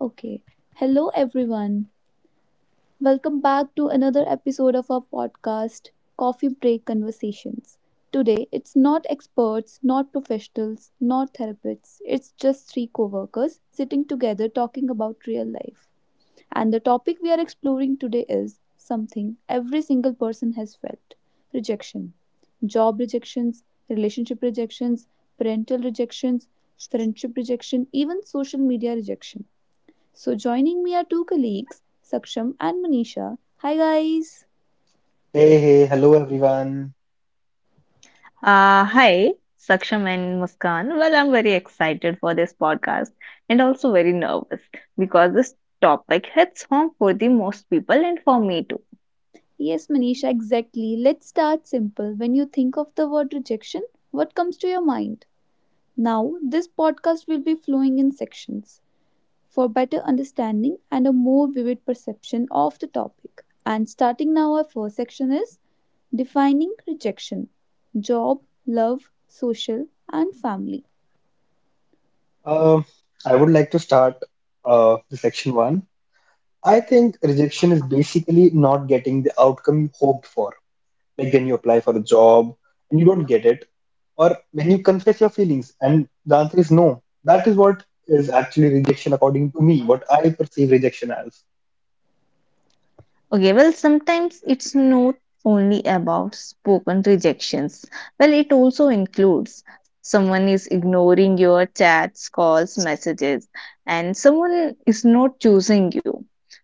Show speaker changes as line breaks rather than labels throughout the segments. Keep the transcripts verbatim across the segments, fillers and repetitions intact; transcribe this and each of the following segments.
Okay. Hello, everyone. Welcome back to another episode of our podcast, Coffee Break Conversations. Today, it's not experts, not professionals, not therapists. It's just three co workers sitting together talking about real life. And the topic we are exploring today is something every single person has felt rejection. Job rejections, relationship rejections, parental rejections, friendship rejection, even social media rejection. So joining me are two colleagues, Saksham and Manisha. Hi guys.
Hey, hey, hello everyone.
Uh, hi, Saksham and Muskan. Well, I'm very excited for this podcast and also very nervous because this topic hits home for the most people and for me too.
Yes, Manisha, exactly. Let's start simple. When you think of the word rejection, what comes to your mind? Now, this podcast will be flowing in sections for better understanding and a more vivid perception of the topic. And starting now, our first section is defining rejection job, love, social, and family.
Um, I would like to start uh, the section one. I think rejection is basically not getting the outcome you hoped for. Like when you apply for a job and you don't get it, or when you confess your feelings and the answer is no. That is what is actually rejection, according to me, what I perceive rejection as.
Okay, well, sometimes it's not only about spoken rejections. Well, it also includes someone is ignoring your chats, calls, messages, and someone is not choosing you.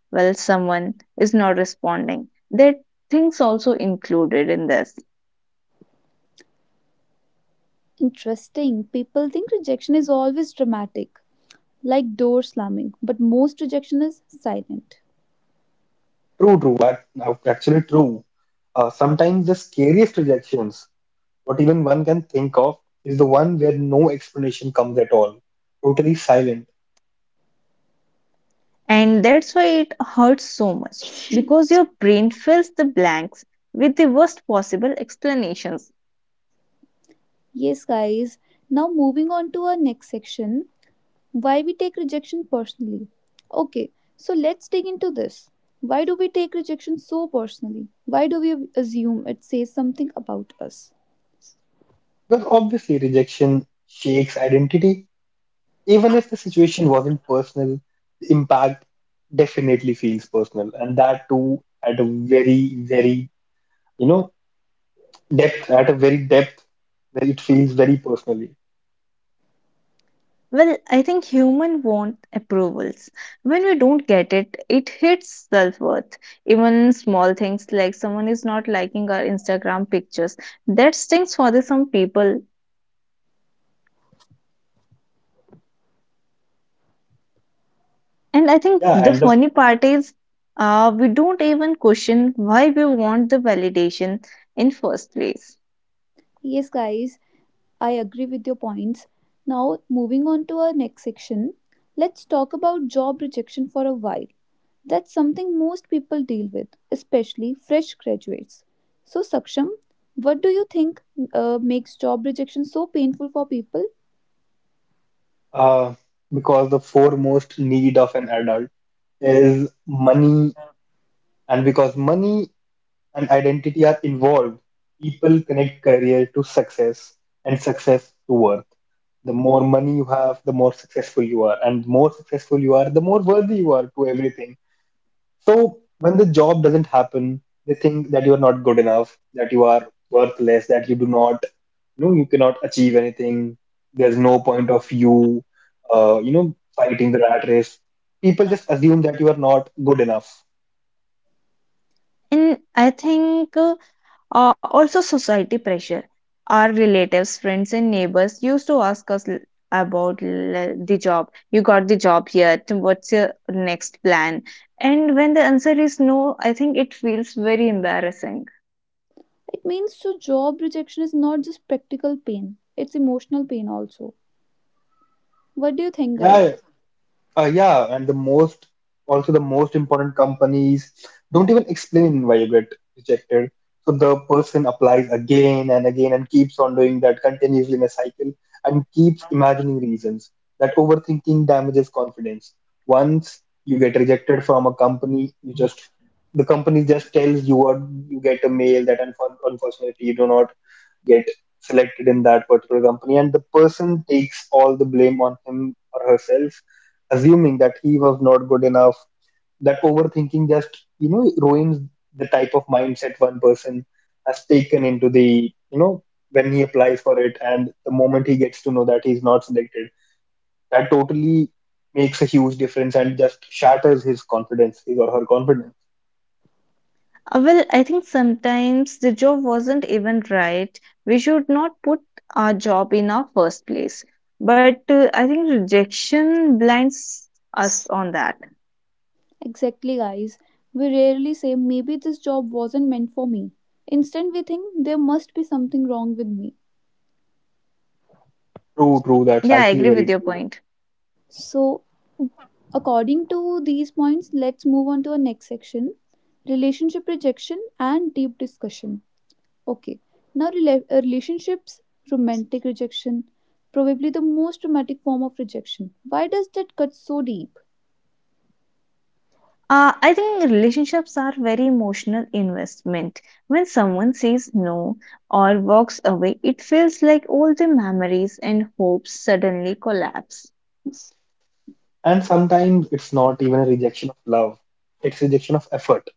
Well, someone is not responding. That things also included in this.
Interesting. People think rejection is always dramatic, like door slamming, but most rejection is silent.
True, true, ac- actually true. Uh, sometimes the scariest rejections, what even one can think of, is the one where no explanation comes at all, totally silent,
And that's why it hurts so much because your brain fills the blanks with the worst possible explanations.
Yes, guys, now moving on to our next section why we take rejection personally. Okay, so let's dig into this. Why do we take rejection so personally? Why do we assume it says something about us?
because obviously rejection shakes identity. Even if the situation wasn't personal, the impact definitely feels personal, and that too at a very, very, you know, depth, at a very depth where it feels very personally.
Well, I think human want approvals. When we don't get it, it hits self-worth. Even small things like someone is not liking our Instagram pictures, that stings for the some people. And I think
Yeah,
the
and the,
funny part is uh, we don't even question why we want the validation in first place.
Yes, guys, I agree with your points. Now, moving on to our next section, let's talk about job rejection for a while. That's something most people deal with, especially fresh graduates. So, Saksham, what do you think uh, makes job rejection so painful for people?
uh, because the foremost need of an adult is money, and because money and identity are involved, people connect career to success and success to worth. The more money you have, the more successful you are, and the more successful you are, the more worthy you are to everything. So when the job doesn't happen, they think that you are not good enough, that you are worthless, that you do not, you know, you cannot achieve anything. There's no point of you, uh, you know, fighting the rat race. People just assume that you are not good enough.
And I think uh, Uh, also, society pressure. Our relatives, friends, and neighbors used to ask us l- about l- the job. You got the job yet? What's your next plan? And when the answer is no, I think it feels very embarrassing.
It means so job rejection is not just practical pain, it's emotional pain also. What do you think, guys?
Yeah, Uh, yeah, and the most, Also the most important companies don't even explain why you get rejected. So the person applies again and again and keeps on doing that continuously in a cycle and keeps imagining reasons. That overthinking damages confidence. Once you get rejected from a company, you just the company just tells you, or you get a mail that unfor- unfortunately you do not get selected in that particular company, and the person takes all the blame on him or herself, assuming that he was not good enough. That overthinking just, you know ruins the type of mindset one person has taken into, the you know when he applies for it, and the moment he gets to know that he's not selected, that totally makes a huge difference and just shatters his confidence, his or her confidence.
Uh, well, I think sometimes the job wasn't even right. We should not put our job in our first place. But uh, I think rejection blinds us on that.
Exactly, guys. We rarely say, maybe this job wasn't meant for me. Instead, we think there must be something wrong with me.
True, true, that's
Yeah, I
actually
agree with
very
your
true.
point.
So, according to these points, let's move on to our next section relationship rejection and deep discussion. Okay. Now, rela- uh, relationships, romantic rejection, probably the most dramatic form of rejection. Why does that cut so deep?
Uh, I think relationships are very emotional investment. When someone says no or walks away, it feels like all the memories and hopes suddenly collapse.
And sometimes it's not even a rejection of love, it's rejection of effort.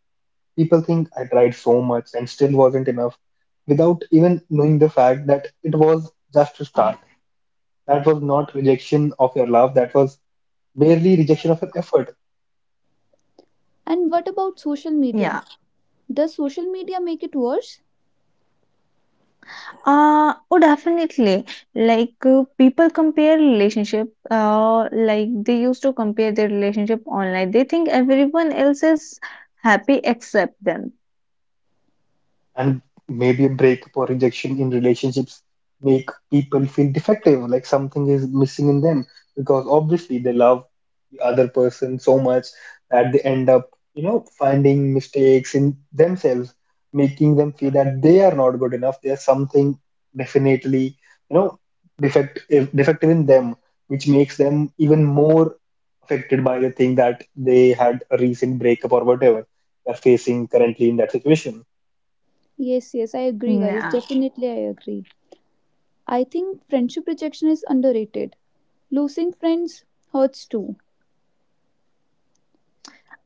People think I tried so much and still wasn't enough, without even knowing the fact that it was just a start. That was not rejection of your love, that was merely rejection of your effort.
And what about social
Yeah.
media? Does social media make it worse?
Uh, oh, definitely. Like uh, people compare relationship. Uh, like they used to compare their relationship online. They think everyone else is happy except them.
And maybe a breakup or rejection in relationships make people feel defective, like something is missing in them, because obviously they love the other person so much that they end up, you know, finding mistakes in themselves, making them feel that they are not good enough. There's something definitely, you know, defect eh, defective in them, which makes them even more affected by the thing that they had a recent breakup, or whatever they're facing currently in that situation.
Yes, yes, I agree, guys.
Nah.
Definitely, I agree. I think friendship rejection is underrated. Losing friends hurts too.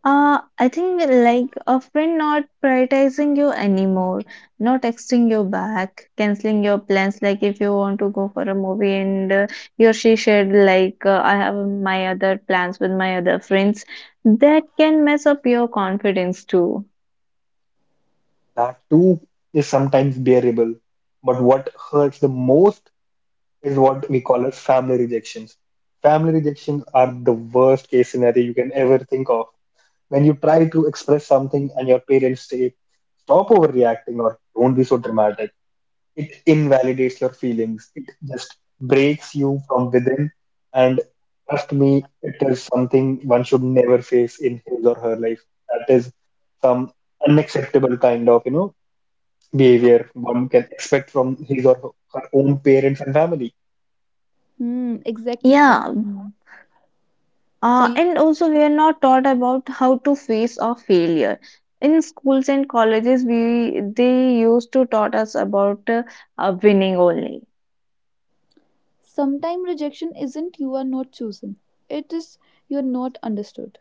Uh, I think like a friend not prioritizing you anymore, not texting you back, canceling your plans. Like if you want to go for a movie and uh, he or she shared like uh, I have my other plans with my other friends, that can mess up your confidence too.
That too is sometimes bearable. But what hurts the most is what we call as family rejections. Family rejections are the worst case scenario you can ever think of. When you try to express something and your parents say, stop overreacting or don't be so dramatic, it invalidates your feelings. It just breaks you from within. And trust me, it is something one should never face in his or her life. That is some unacceptable kind of, you know, behavior one can expect from his or her own parents and family.
Hmm, exactly. Sab.
Yeah, uh,
Some
and also we are not taught about how to face our failure. In schools and colleges, we they used to taught us about uh, uh, winning only.
Sometime rejection isn't you are not chosen. It is you are not understood.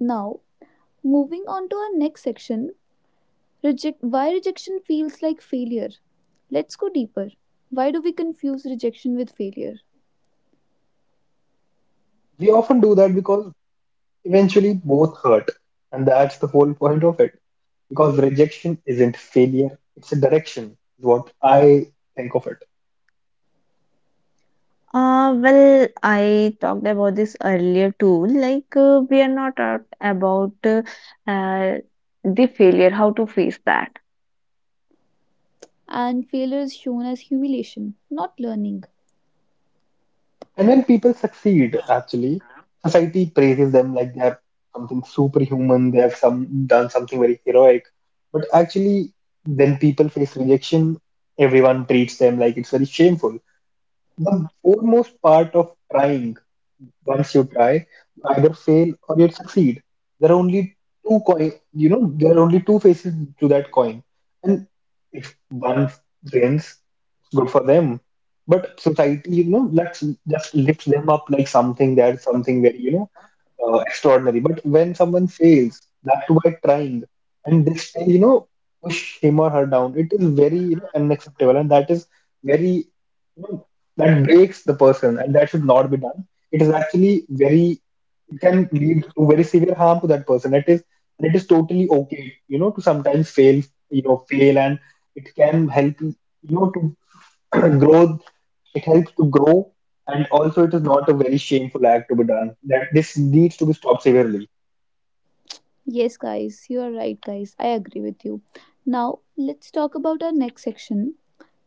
Now, moving on to our next section, Reject why rejection feels like failure. Let's go deeper. Why do we confuse rejection with failure?
We often do that because eventually, both hurt, and that's the whole point of it. Because rejection isn't failure, it's a direction, is what I think of it.
Uh, well, I talked about this earlier too. Like uh, we are not taught about uh, uh, the failure, how to face that.
And failure is shown as humiliation, not learning.
And when people succeed, actually, society praises them like they are something superhuman, they have some done something very heroic. But actually, when people face rejection, everyone treats them like it's very shameful. The foremost part of trying, once you try, you either fail or you succeed. There are only two coin, you know, there are only two faces to that coin. And if one wins, good for them. But society, you know, let's just lifts them up like something. That's something very, you know, uh, extraordinary. But when someone fails, that too by trying, and this thing, you know, push him or her down, it is very, you know, unacceptable, and that is very, you know, that breaks the person, and that should not be done. It is actually very, it can lead to very severe harm to that person. It is, and it is totally okay, you know, to sometimes fail, you know, fail, and it can help you, you know, to growth, it helps to grow. And also it is not a very shameful act to be done, that this needs to be stopped severely.
Yes, guys, you are right, guys. I agree with you. Now, let's talk about our next section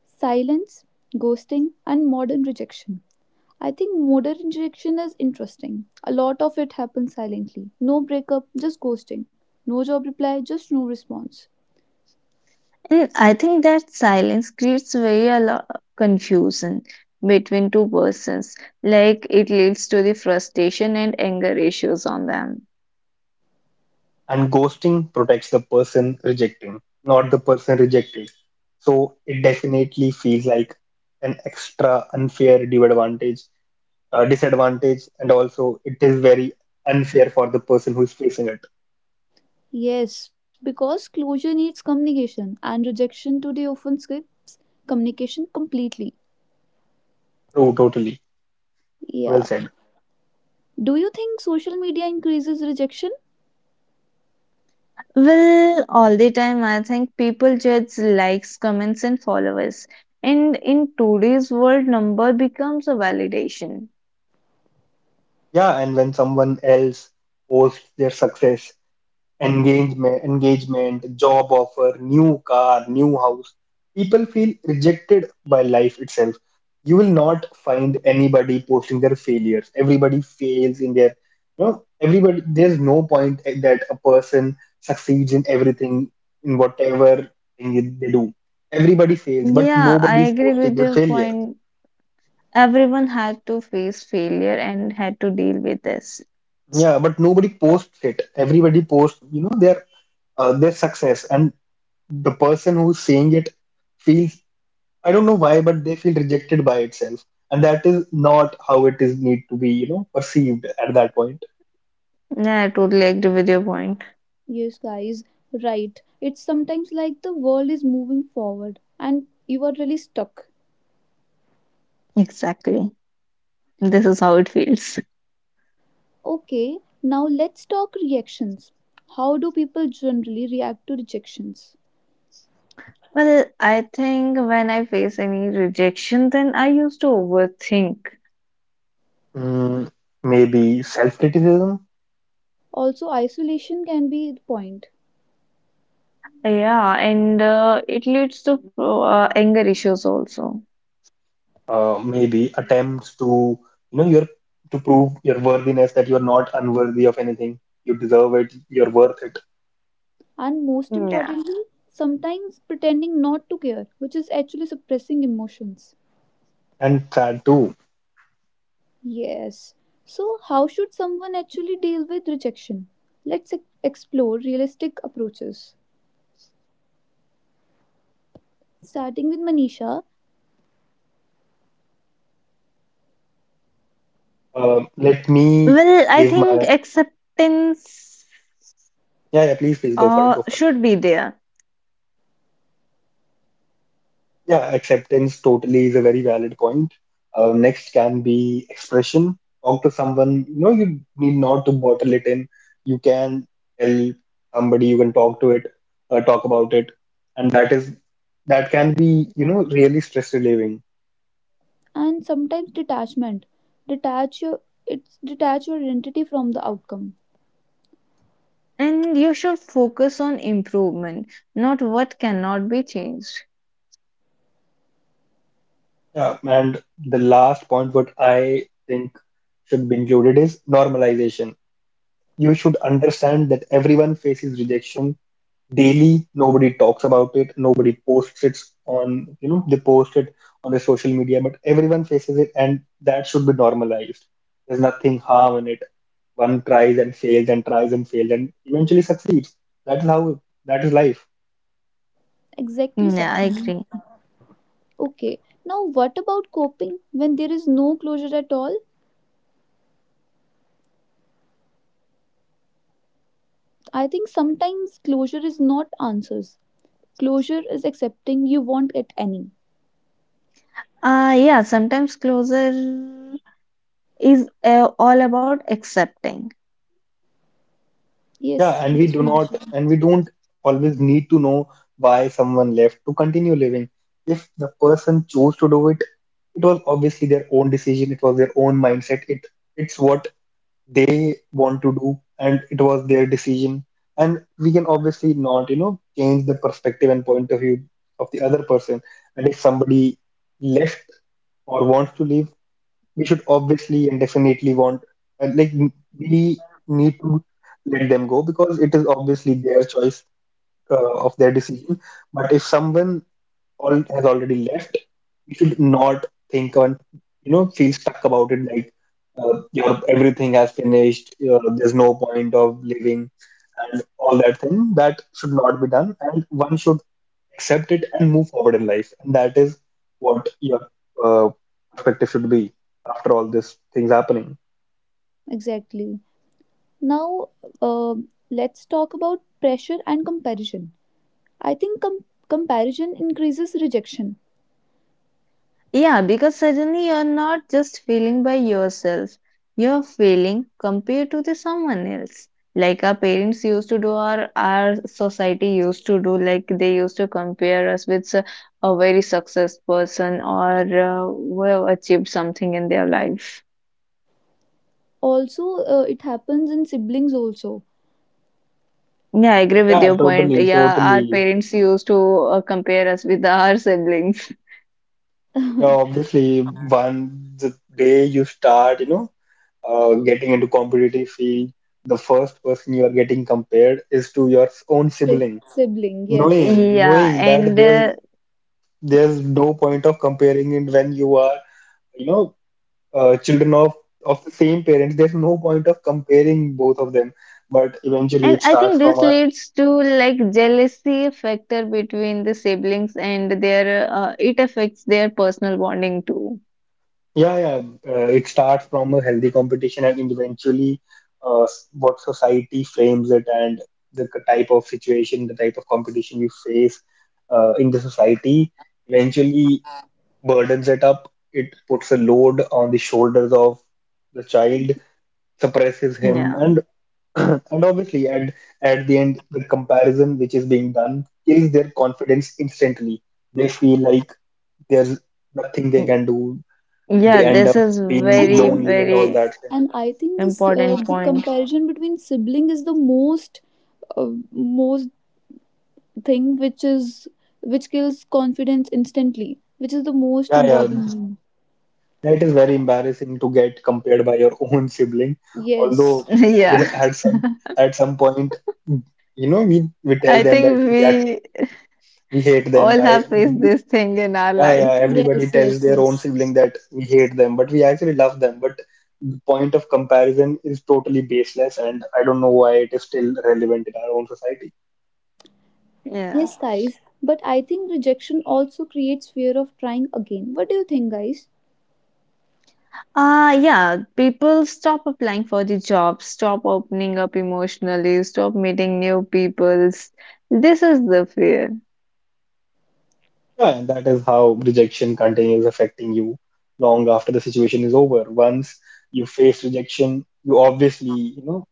silence, ghosting, and modern rejection. I think modern rejection is interesting. A lot of it happens silently. No breakup, just ghosting. No job reply, just no response.
Mm, I think that silence creates very a lot of confusion between two persons. Like it leads to the frustration and anger issues on them.
And ghosting protects the person rejecting, not the person rejected. So it definitely feels like an extra unfair disadvantage, uh, disadvantage, and also it is very unfair for the person who is facing it.
Yes, because closure needs communication, and rejection today often skips communication completely.
True, totally. Well
Yeah.
said.
Do you think social media increases rejection?
Well, all the time, I think people judge likes, comments, and followers. And in today's world, number becomes a validation.
Yeah, and when someone else posts their success, engagement, engagement, job offer, new car, new house. People feel rejected by life itself. You will not find anybody posting their failures. Everybody fails in their, you know, everybody. There's no point that a person succeeds in everything, in whatever thing they do. Everybody fails, but
Yeah, I
nobody's
agree
posting
with
their
your
failure.
point. Everyone had to face failure and had to deal with this.
Yeah, but nobody posts it. Everybody posts, you know, their uh, their success, and the person who's saying it feels, I don't know why, but they feel rejected by itself, and that is not how it is need to be, you know, perceived at that point.
Yeah, I totally agree with your point.
Yes, guys, right. It's sometimes like the world is moving forward and you are really stuck.
Exactly. This is how it feels.
Okay, now let's talk reactions. How do people generally react to rejections?
Well, I think when I face any rejection, then I used to overthink.
Mm, maybe self-criticism,
Also, isolation can be the point.
Yeah, and uh, it leads to uh, anger issues also.
uh, maybe attempts to, you know, your to prove your worthiness that you are not unworthy of anything. You deserve it. You're worth it,
And most
Yeah.
importantly, sometimes pretending not to care, which is actually suppressing emotions.
and sad too.
Yes, so how should someone actually deal with rejection? Let's ex- explore realistic approaches, starting with Manisha.
Um, let me
Well, I
give
think
my,
acceptance
yeah, yeah. Please, please go for it.
uh,
Go for it.
should be there,
Yeah, acceptance totally is a very valid point. Uh, next can be expression. Talk to someone. You know, you need not to bottle it in. You can tell somebody. You can talk to it, uh, talk about it, and that is, that can be, you know really stress relieving.
And sometimes detachment, detach your it's detach your identity from the outcome.
and you should focus on improvement, not what cannot be changed.
Yeah, and the last point, what I think should be included is normalization. You should understand that everyone faces rejection daily. Nobody talks about it, nobody posts it on, you know they post it on their social media, but everyone faces it, and that should be normalized. There's nothing harm in it. One tries and fails, and tries and fails, and eventually succeeds. That is how, that is life.
Exactly,
Mm, yeah, I
Sakshi.
agree.
Okay, now what about coping when there is no closure at all? I think sometimes closure is not answers. Closure is accepting you won't get any.
Uh, yeah, sometimes closure is uh, all about accepting.
Yeah,
Yes,
and we
yes,
do not
Monica.
and we don't always need to know why someone left to continue living. If the person chose to do it, it was obviously their own decision, it was their own mindset, it it's what they want to do, and it was their decision. And we can obviously not, you know change the perspective and point of view of the other person. And if somebody left or wants to leave, we should obviously and definitely want, uh, like n- we need to let them go, because it is obviously their choice, uh, of their decision. But if someone all has already left, you should not think, and you know feel stuck about it. Like, uh, your everything has finished. Your, there's no point of living and all that thing. That should not be done, and one should accept it and move forward in life. And that is what your uh, perspective should be after all these things happening.
Exactly. Now, um let's talk about pressure and comparison. I think com- comparison increases rejection.
Yeah, because suddenly you're not just feeling by yourself, you're feeling compared to the someone else. Like our parents used to do, or our society used to do, like they used to compare us with s- a very successful person or uh, who have achieved something in their life.
Also, uh, it happens in siblings also.
Yeah, I agree with
Yeah,
your point.
totally,
Yeah, our
totally.
parents used to uh, compare us with our siblings.
Yeah, obviously, one the day you start, you know. uh, getting into competitive field, the first person you are getting compared is to your own
Si-
sibling.
sibling, yes.
Knowing,
Yeah,
knowing that
and
there's
uh,
there's no point of comparing it when you are, you know, uh, children of of the same parents. There's no point of comparing both of them. But
And
eventually, it
I think
starts from
this
our.
leads to like jealousy factor between the siblings and their uh, it affects their personal bonding too.
Yeah, yeah. Uh, it starts from a healthy competition, and eventually, uh, s- what society frames it, and the k- type of situation, the type of competition you face uh, in the society eventually burdens it up. It puts a load on the shoulders of the child, suppresses
Yeah.
him, and and obviously, at at the end, the comparison which is being done kills their confidence instantly. They feel like there's nothing they
Mm,
can do.
yeah,
They end
this
up
is
being
And
very,
I
lonely and
think,
all
very
that thing.
and I think this uh,
important
the
point.
comparison between sibling is the most uh, most thing which is which kills confidence instantly, which is the most
Yeah, yeah,
important thing.
that is very embarrassing to get compared by your own sibling.
Yes,
Although
Yeah.
they at some, at some point, you know, we we
I
tell them
think
that we act,
we
we hate them.
all
I
have faced
we-
this thing in our
yeah,
life.
yeah,
yes,
everybody
yes,
tells their
yes.
own sibling that we hate them, but we actually love them. But the point of comparison is totally baseless, and I don't know why it is still relevant in our own society.
Yeah.
Yes, guys, but I think rejection also creates fear of trying again. What do you think, guys?
Uh, yeah, people stop applying for the jobs, stop opening up emotionally, stop meeting new peoples. This is the fear.
Yeah, and that is how rejection continues affecting you long after the situation is over. Once you face rejection, you obviously, you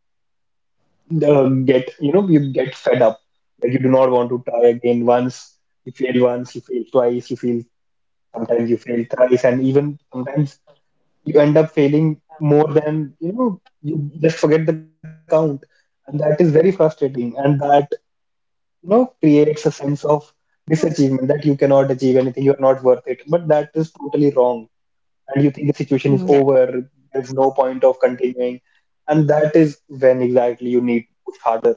know, uh, get, you know, you get fed up. Like you do not want to try again. Once you fail once, you fail twice, you fail sometimes you fail thrice, and even sometimes you end up failing more than, you know, you just forget the count. And that is very frustrating. And that you know creates a sense of disachievement that you cannot achieve anything, you're not worth it, but that is totally wrong, and you think the situation is
Yeah.
over, there's no point of continuing, and that is when exactly you need to push harder.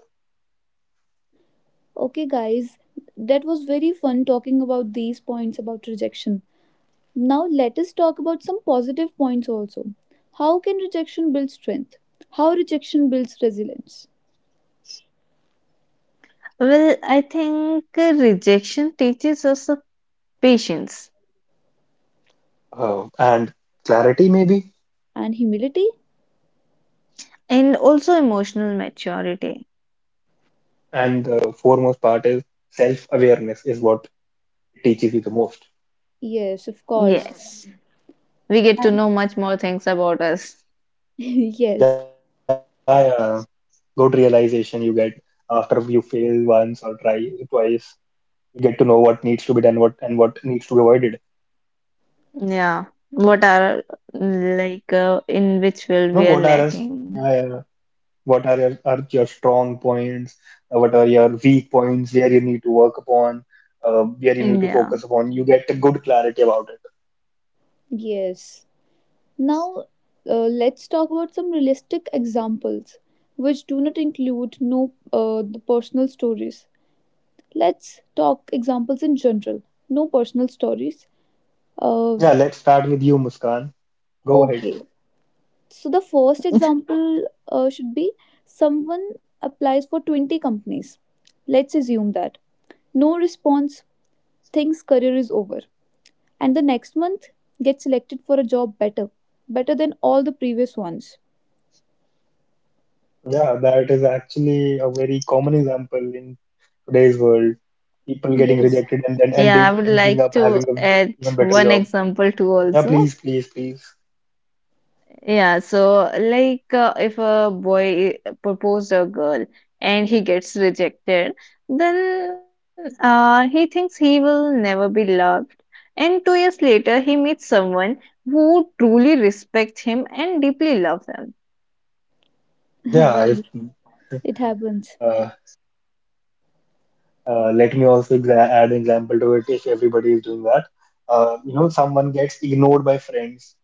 Okay, guys, that was very fun talking about these points about rejection. Now, let us talk about some positive points also. How can rejection build strength? How rejection builds resilience?
Well, I think uh, rejection teaches us a patience
Uh, and clarity maybe,
And humility?
and also emotional maturity.
and the foremost part is self-awareness is what teaches you the most.
Yes, of course.
Yes, we get to
And-
know much more things about us.
yes,
Yeah yeah good realization you get after you fail once or try twice. You get to know what needs to be done, what and what needs to be avoided. You
Yeah, what are like uh, in which
know
field we
what
are
are our,
lacking.
yeah, yeah. What are your, are your strong points? Uh, what are your weak points? Where you need to work upon? Uh, where you need to
Yeah,
focus upon? You get a good clarity about it.
yes. Now, uh, let's talk about some realistic examples which do not include no uh, the personal stories. Let's talk examples in general, no personal stories. Uh,
Yeah, let's start with you, Muskan. Go ahead.
okay. So the first example uh, should be someone applies for twenty companies. Let's assume that. No response, thinks career is over. And the next month gets selected for a job better, better than all the previous ones.
Yeah, that is actually a very common example in today's world. People getting
Yes,
rejected and then
yeah, I would
ending,
like
ending up
to
having a
add
even
one
better job.
example too
Yeah,
also.
please, please, please.
Yeah, so like uh, if a boy proposed a girl and he gets rejected, then uh, he thinks he will never be loved. And two years later, he meets someone who truly respects him and deeply loves him.
Yeah, if
right. It happens.
uh, uh, Let me also exa add an example to it. If everybody is doing that, uh, you know, someone gets ignored by friends,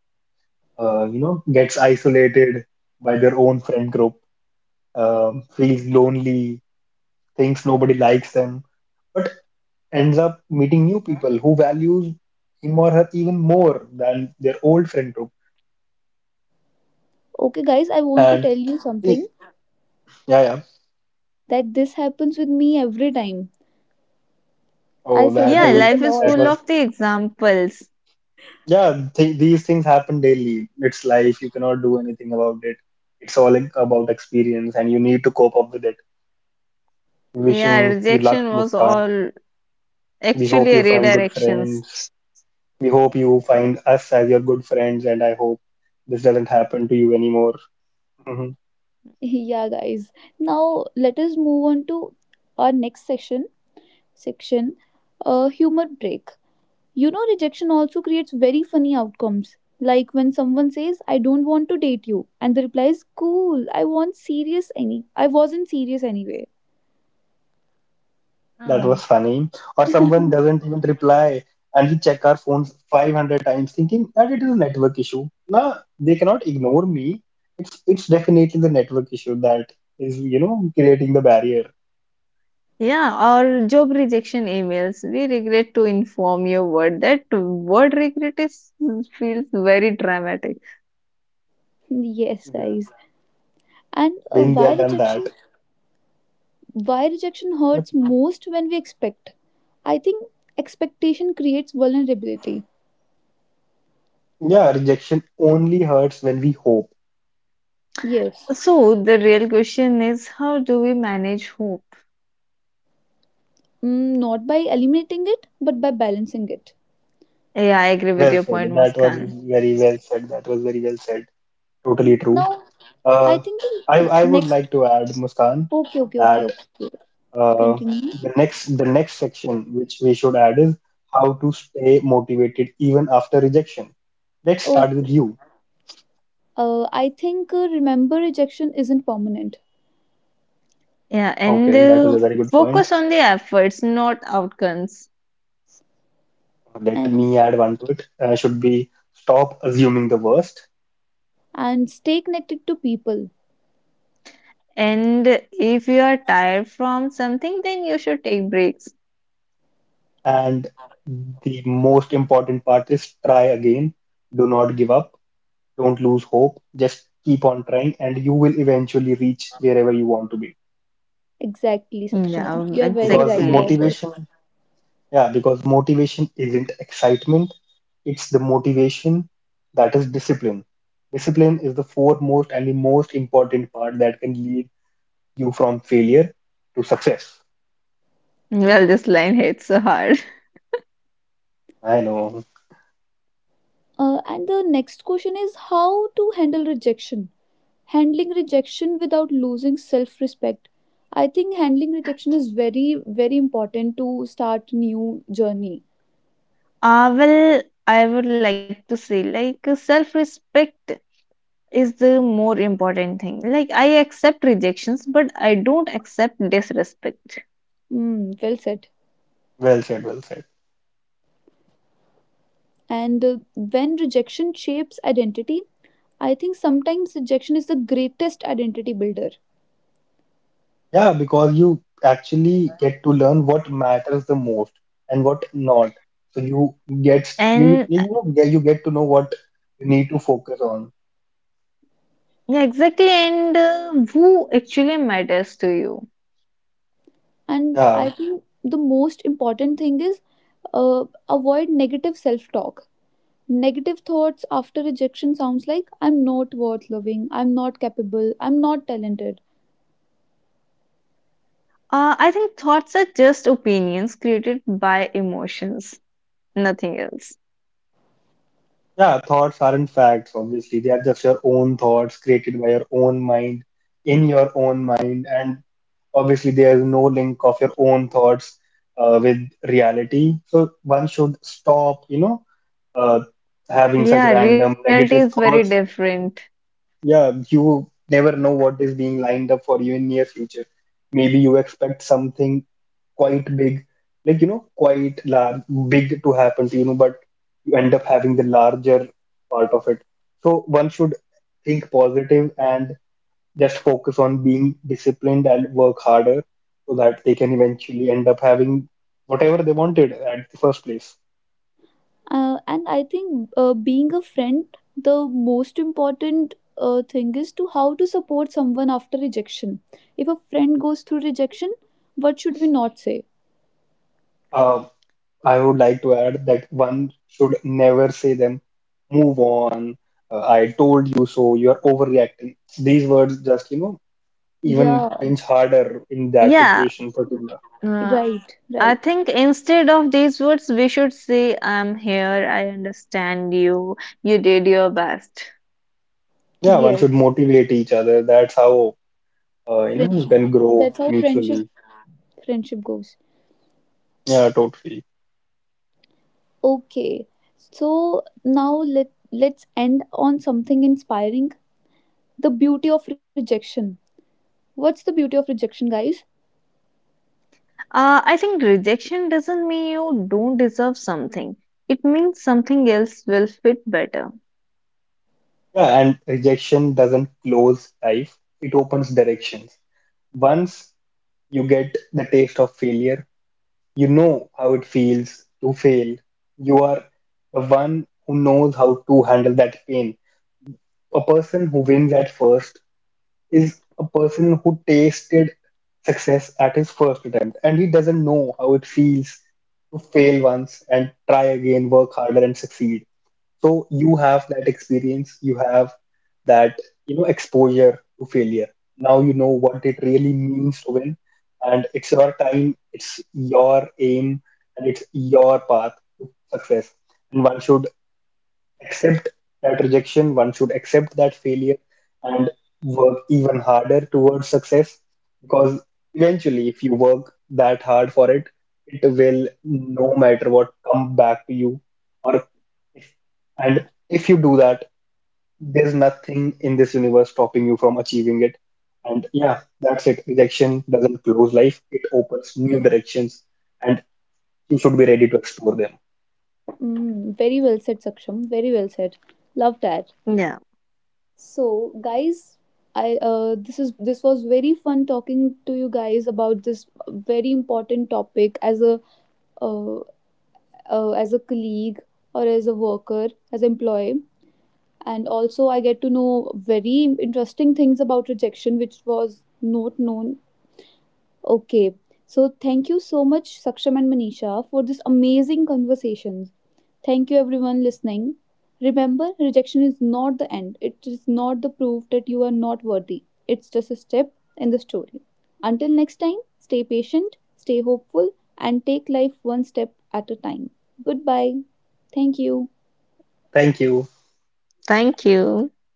uh, you know, gets isolated by their own friend group, um, feels lonely, thinks nobody likes them, but ends up meeting new people who values him or her even more than their old friend group.
Okay, guys, I want to tell
And
you something
yeah, yeah.
that this happens with me every time. I
Oh, that
suffer
Yeah,
this
is
a
life is
that
lot.
full
was
of the examples.
yeah. Th these things happen daily. It's life. You cannot do anything about it. It's all like about experience, and you need to cope up with it.
Yeah,
Wishing you
rejection
luck,
was
Mukhtar.
all actually
We
a
hope you find good
redirections.
friends. We hope you find us as your good friends, and I hope this doesn't happen to you anymore. Mhm.
yeah, guys. Now, let us move on to our next section section a humor break. You know, rejection also creates very funny outcomes. Like when someone says, I don't want to date you, and the reply is, Cool, I want serious any I wasn't serious anyway.
That
Oh.
was funny. Or someone doesn't even reply, and we check our phones five hundred times, thinking that it is a network issue. Nah, they cannot ignore me. It's it's definitely the network issue that is, you know, creating the barrier.
Yeah, or job rejection emails. We regret to inform your word that word regret is feels very dramatic.
yes,
Yeah,
guys. And uh,
been there,
why
done that.
rejection why rejection
But
hurts most when we expect. I think expectation creates vulnerability.
yeah, rejection only hurts when we hope.
Yes.
So the real question is how do we manage hope?
Mm, not by eliminating it, but by balancing it.
Yeah, I agree with
Well
your
said.
point,
That was
Muskan.
very well said. That was very well said. Totally
Now
true.
I think
Uh,
the
I I
next
would like to add, Muskan,
okay, okay, okay,
that
okay.
uh,
Continue.
the next the next section which we should add is how to stay motivated even after rejection. Let's
Oh,
start with you.
uh, I think uh, remember rejection isn't permanent,
Yeah, and
Okay, that is
uh,
a very good point.
focus on the efforts, not outcomes.
Let
and
me add one to it. Uh, should be stop assuming the worst,
and stay connected to people.
And if you are tired from something, then you should take breaks.
and the most important part is try again. Do not give up. Don't lose hope. Just keep on trying, and you will eventually reach wherever you want to be.
Exactly, Sakshama.
Yeah,
You are very
Because
right
exactly.
about this.
motivation. Yeah, because motivation isn't excitement, it's the motivation that is discipline. Discipline is the foremost and the most important part that can lead you from failure to success.
Well, this line hits so hard.
I know.
Uh, and the next question is how to handle rejection. Handling rejection without losing self-respect. I think handling rejection is very very important to start new journey.
Uh, well, I would like to say, like, self respect is the more important thing. Like, I accept rejections, but I don't accept disrespect.
Mm, well said.
Well said, well said.
And uh, when rejection shapes identity, I think sometimes rejection is the greatest identity builder.
Yeah, because you actually get to learn what matters the most and what not. So you get, you
And uh,
you know, you get to know what you need to focus on.
Yeah, exactly. And uh, who actually matters to you?
And I
Yeah.
think the most important thing is uh, avoid negative self talk, negative thoughts after rejection sounds like I'm not worth loving, I'm not capable, I'm not talented.
Uh, I think thoughts are just opinions created by emotions, nothing else.
Yeah, thoughts aren't facts, obviously. They are just your own thoughts created by your own mind, in your own mind. And obviously, there is no link of your own thoughts uh, with reality. So one should stop, you know, uh, having such
Yeah, reality
random
is very
negative thoughts.
different.
Yeah, you never know what is being lined up for you in near future. Maybe you expect something quite big, like you know, quite large, big to happen to you know, but you end up having the larger part of it. So one should think positive and just focus on being disciplined and work harder so that they can eventually end up having whatever they wanted at the first place.
uh, and I think uh, being a friend, the most important uh, thing is to how to support someone after rejection. If a friend goes through rejection, what should we not say?
Um, I would like to add that one should never say them, move on, uh, I told you so, you're overreacting. These words just, you know, even
Yeah,
pinch harder in that
Yeah,
situation particular.
uh,
right,
I
right,
think instead of these words, we should say, I'm here, I understand you, you did your best.
Yeah, one should
yes.
motivate each other. That's how, uh, you know, you
friendship
can
that's
grow
how friendship
mutually.
friendship goes.
Yeah, totally.
Okay. So now let let's end on something inspiring. The beauty of rejection. What's the beauty of rejection, guys?
Uh, I think rejection doesn't mean you don't deserve something, it means something else will fit better.
Yeah, and rejection doesn't close life, it opens directions. Once you get the taste of failure, you know how it feels to fail. You are the one who knows how to handle that pain. A person who wins at first is a person who tasted success at his first attempt and he doesn't know how it feels to fail once and try again, work harder, and succeed. So you have that experience, you have that, you know, exposure to failure. Now you know what it really means to win, and it's your time, it's your aim, and it's your path to success. And one should accept that rejection, one should accept that failure, and work even harder towards success because eventually, if you work that hard for it, it will no matter what come back to you, or and if you do that, there's nothing in this universe stopping you from achieving it. And yeah, that's it. Rejection doesn't close life, it opens new directions, and you should be ready to explore them.
Mm, very well said, Saksham. Very well said. Love that.
Yeah,
So, guys, I uh, this is this was very fun talking to you guys about this very important topic as a uh, uh, as a colleague or as a worker, as employee. And also I get to know very interesting things about rejection which was not known. Okay, so thank you so much Saksham and Manisha for this amazing conversations. Thank you everyone listening. Remember, rejection is not the end. It is not the proof that you are not worthy. It's just a step in the story. Until next time, stay patient, stay hopeful, and take life one step at a time. Goodbye. Thank you.
Thank you.
thank you.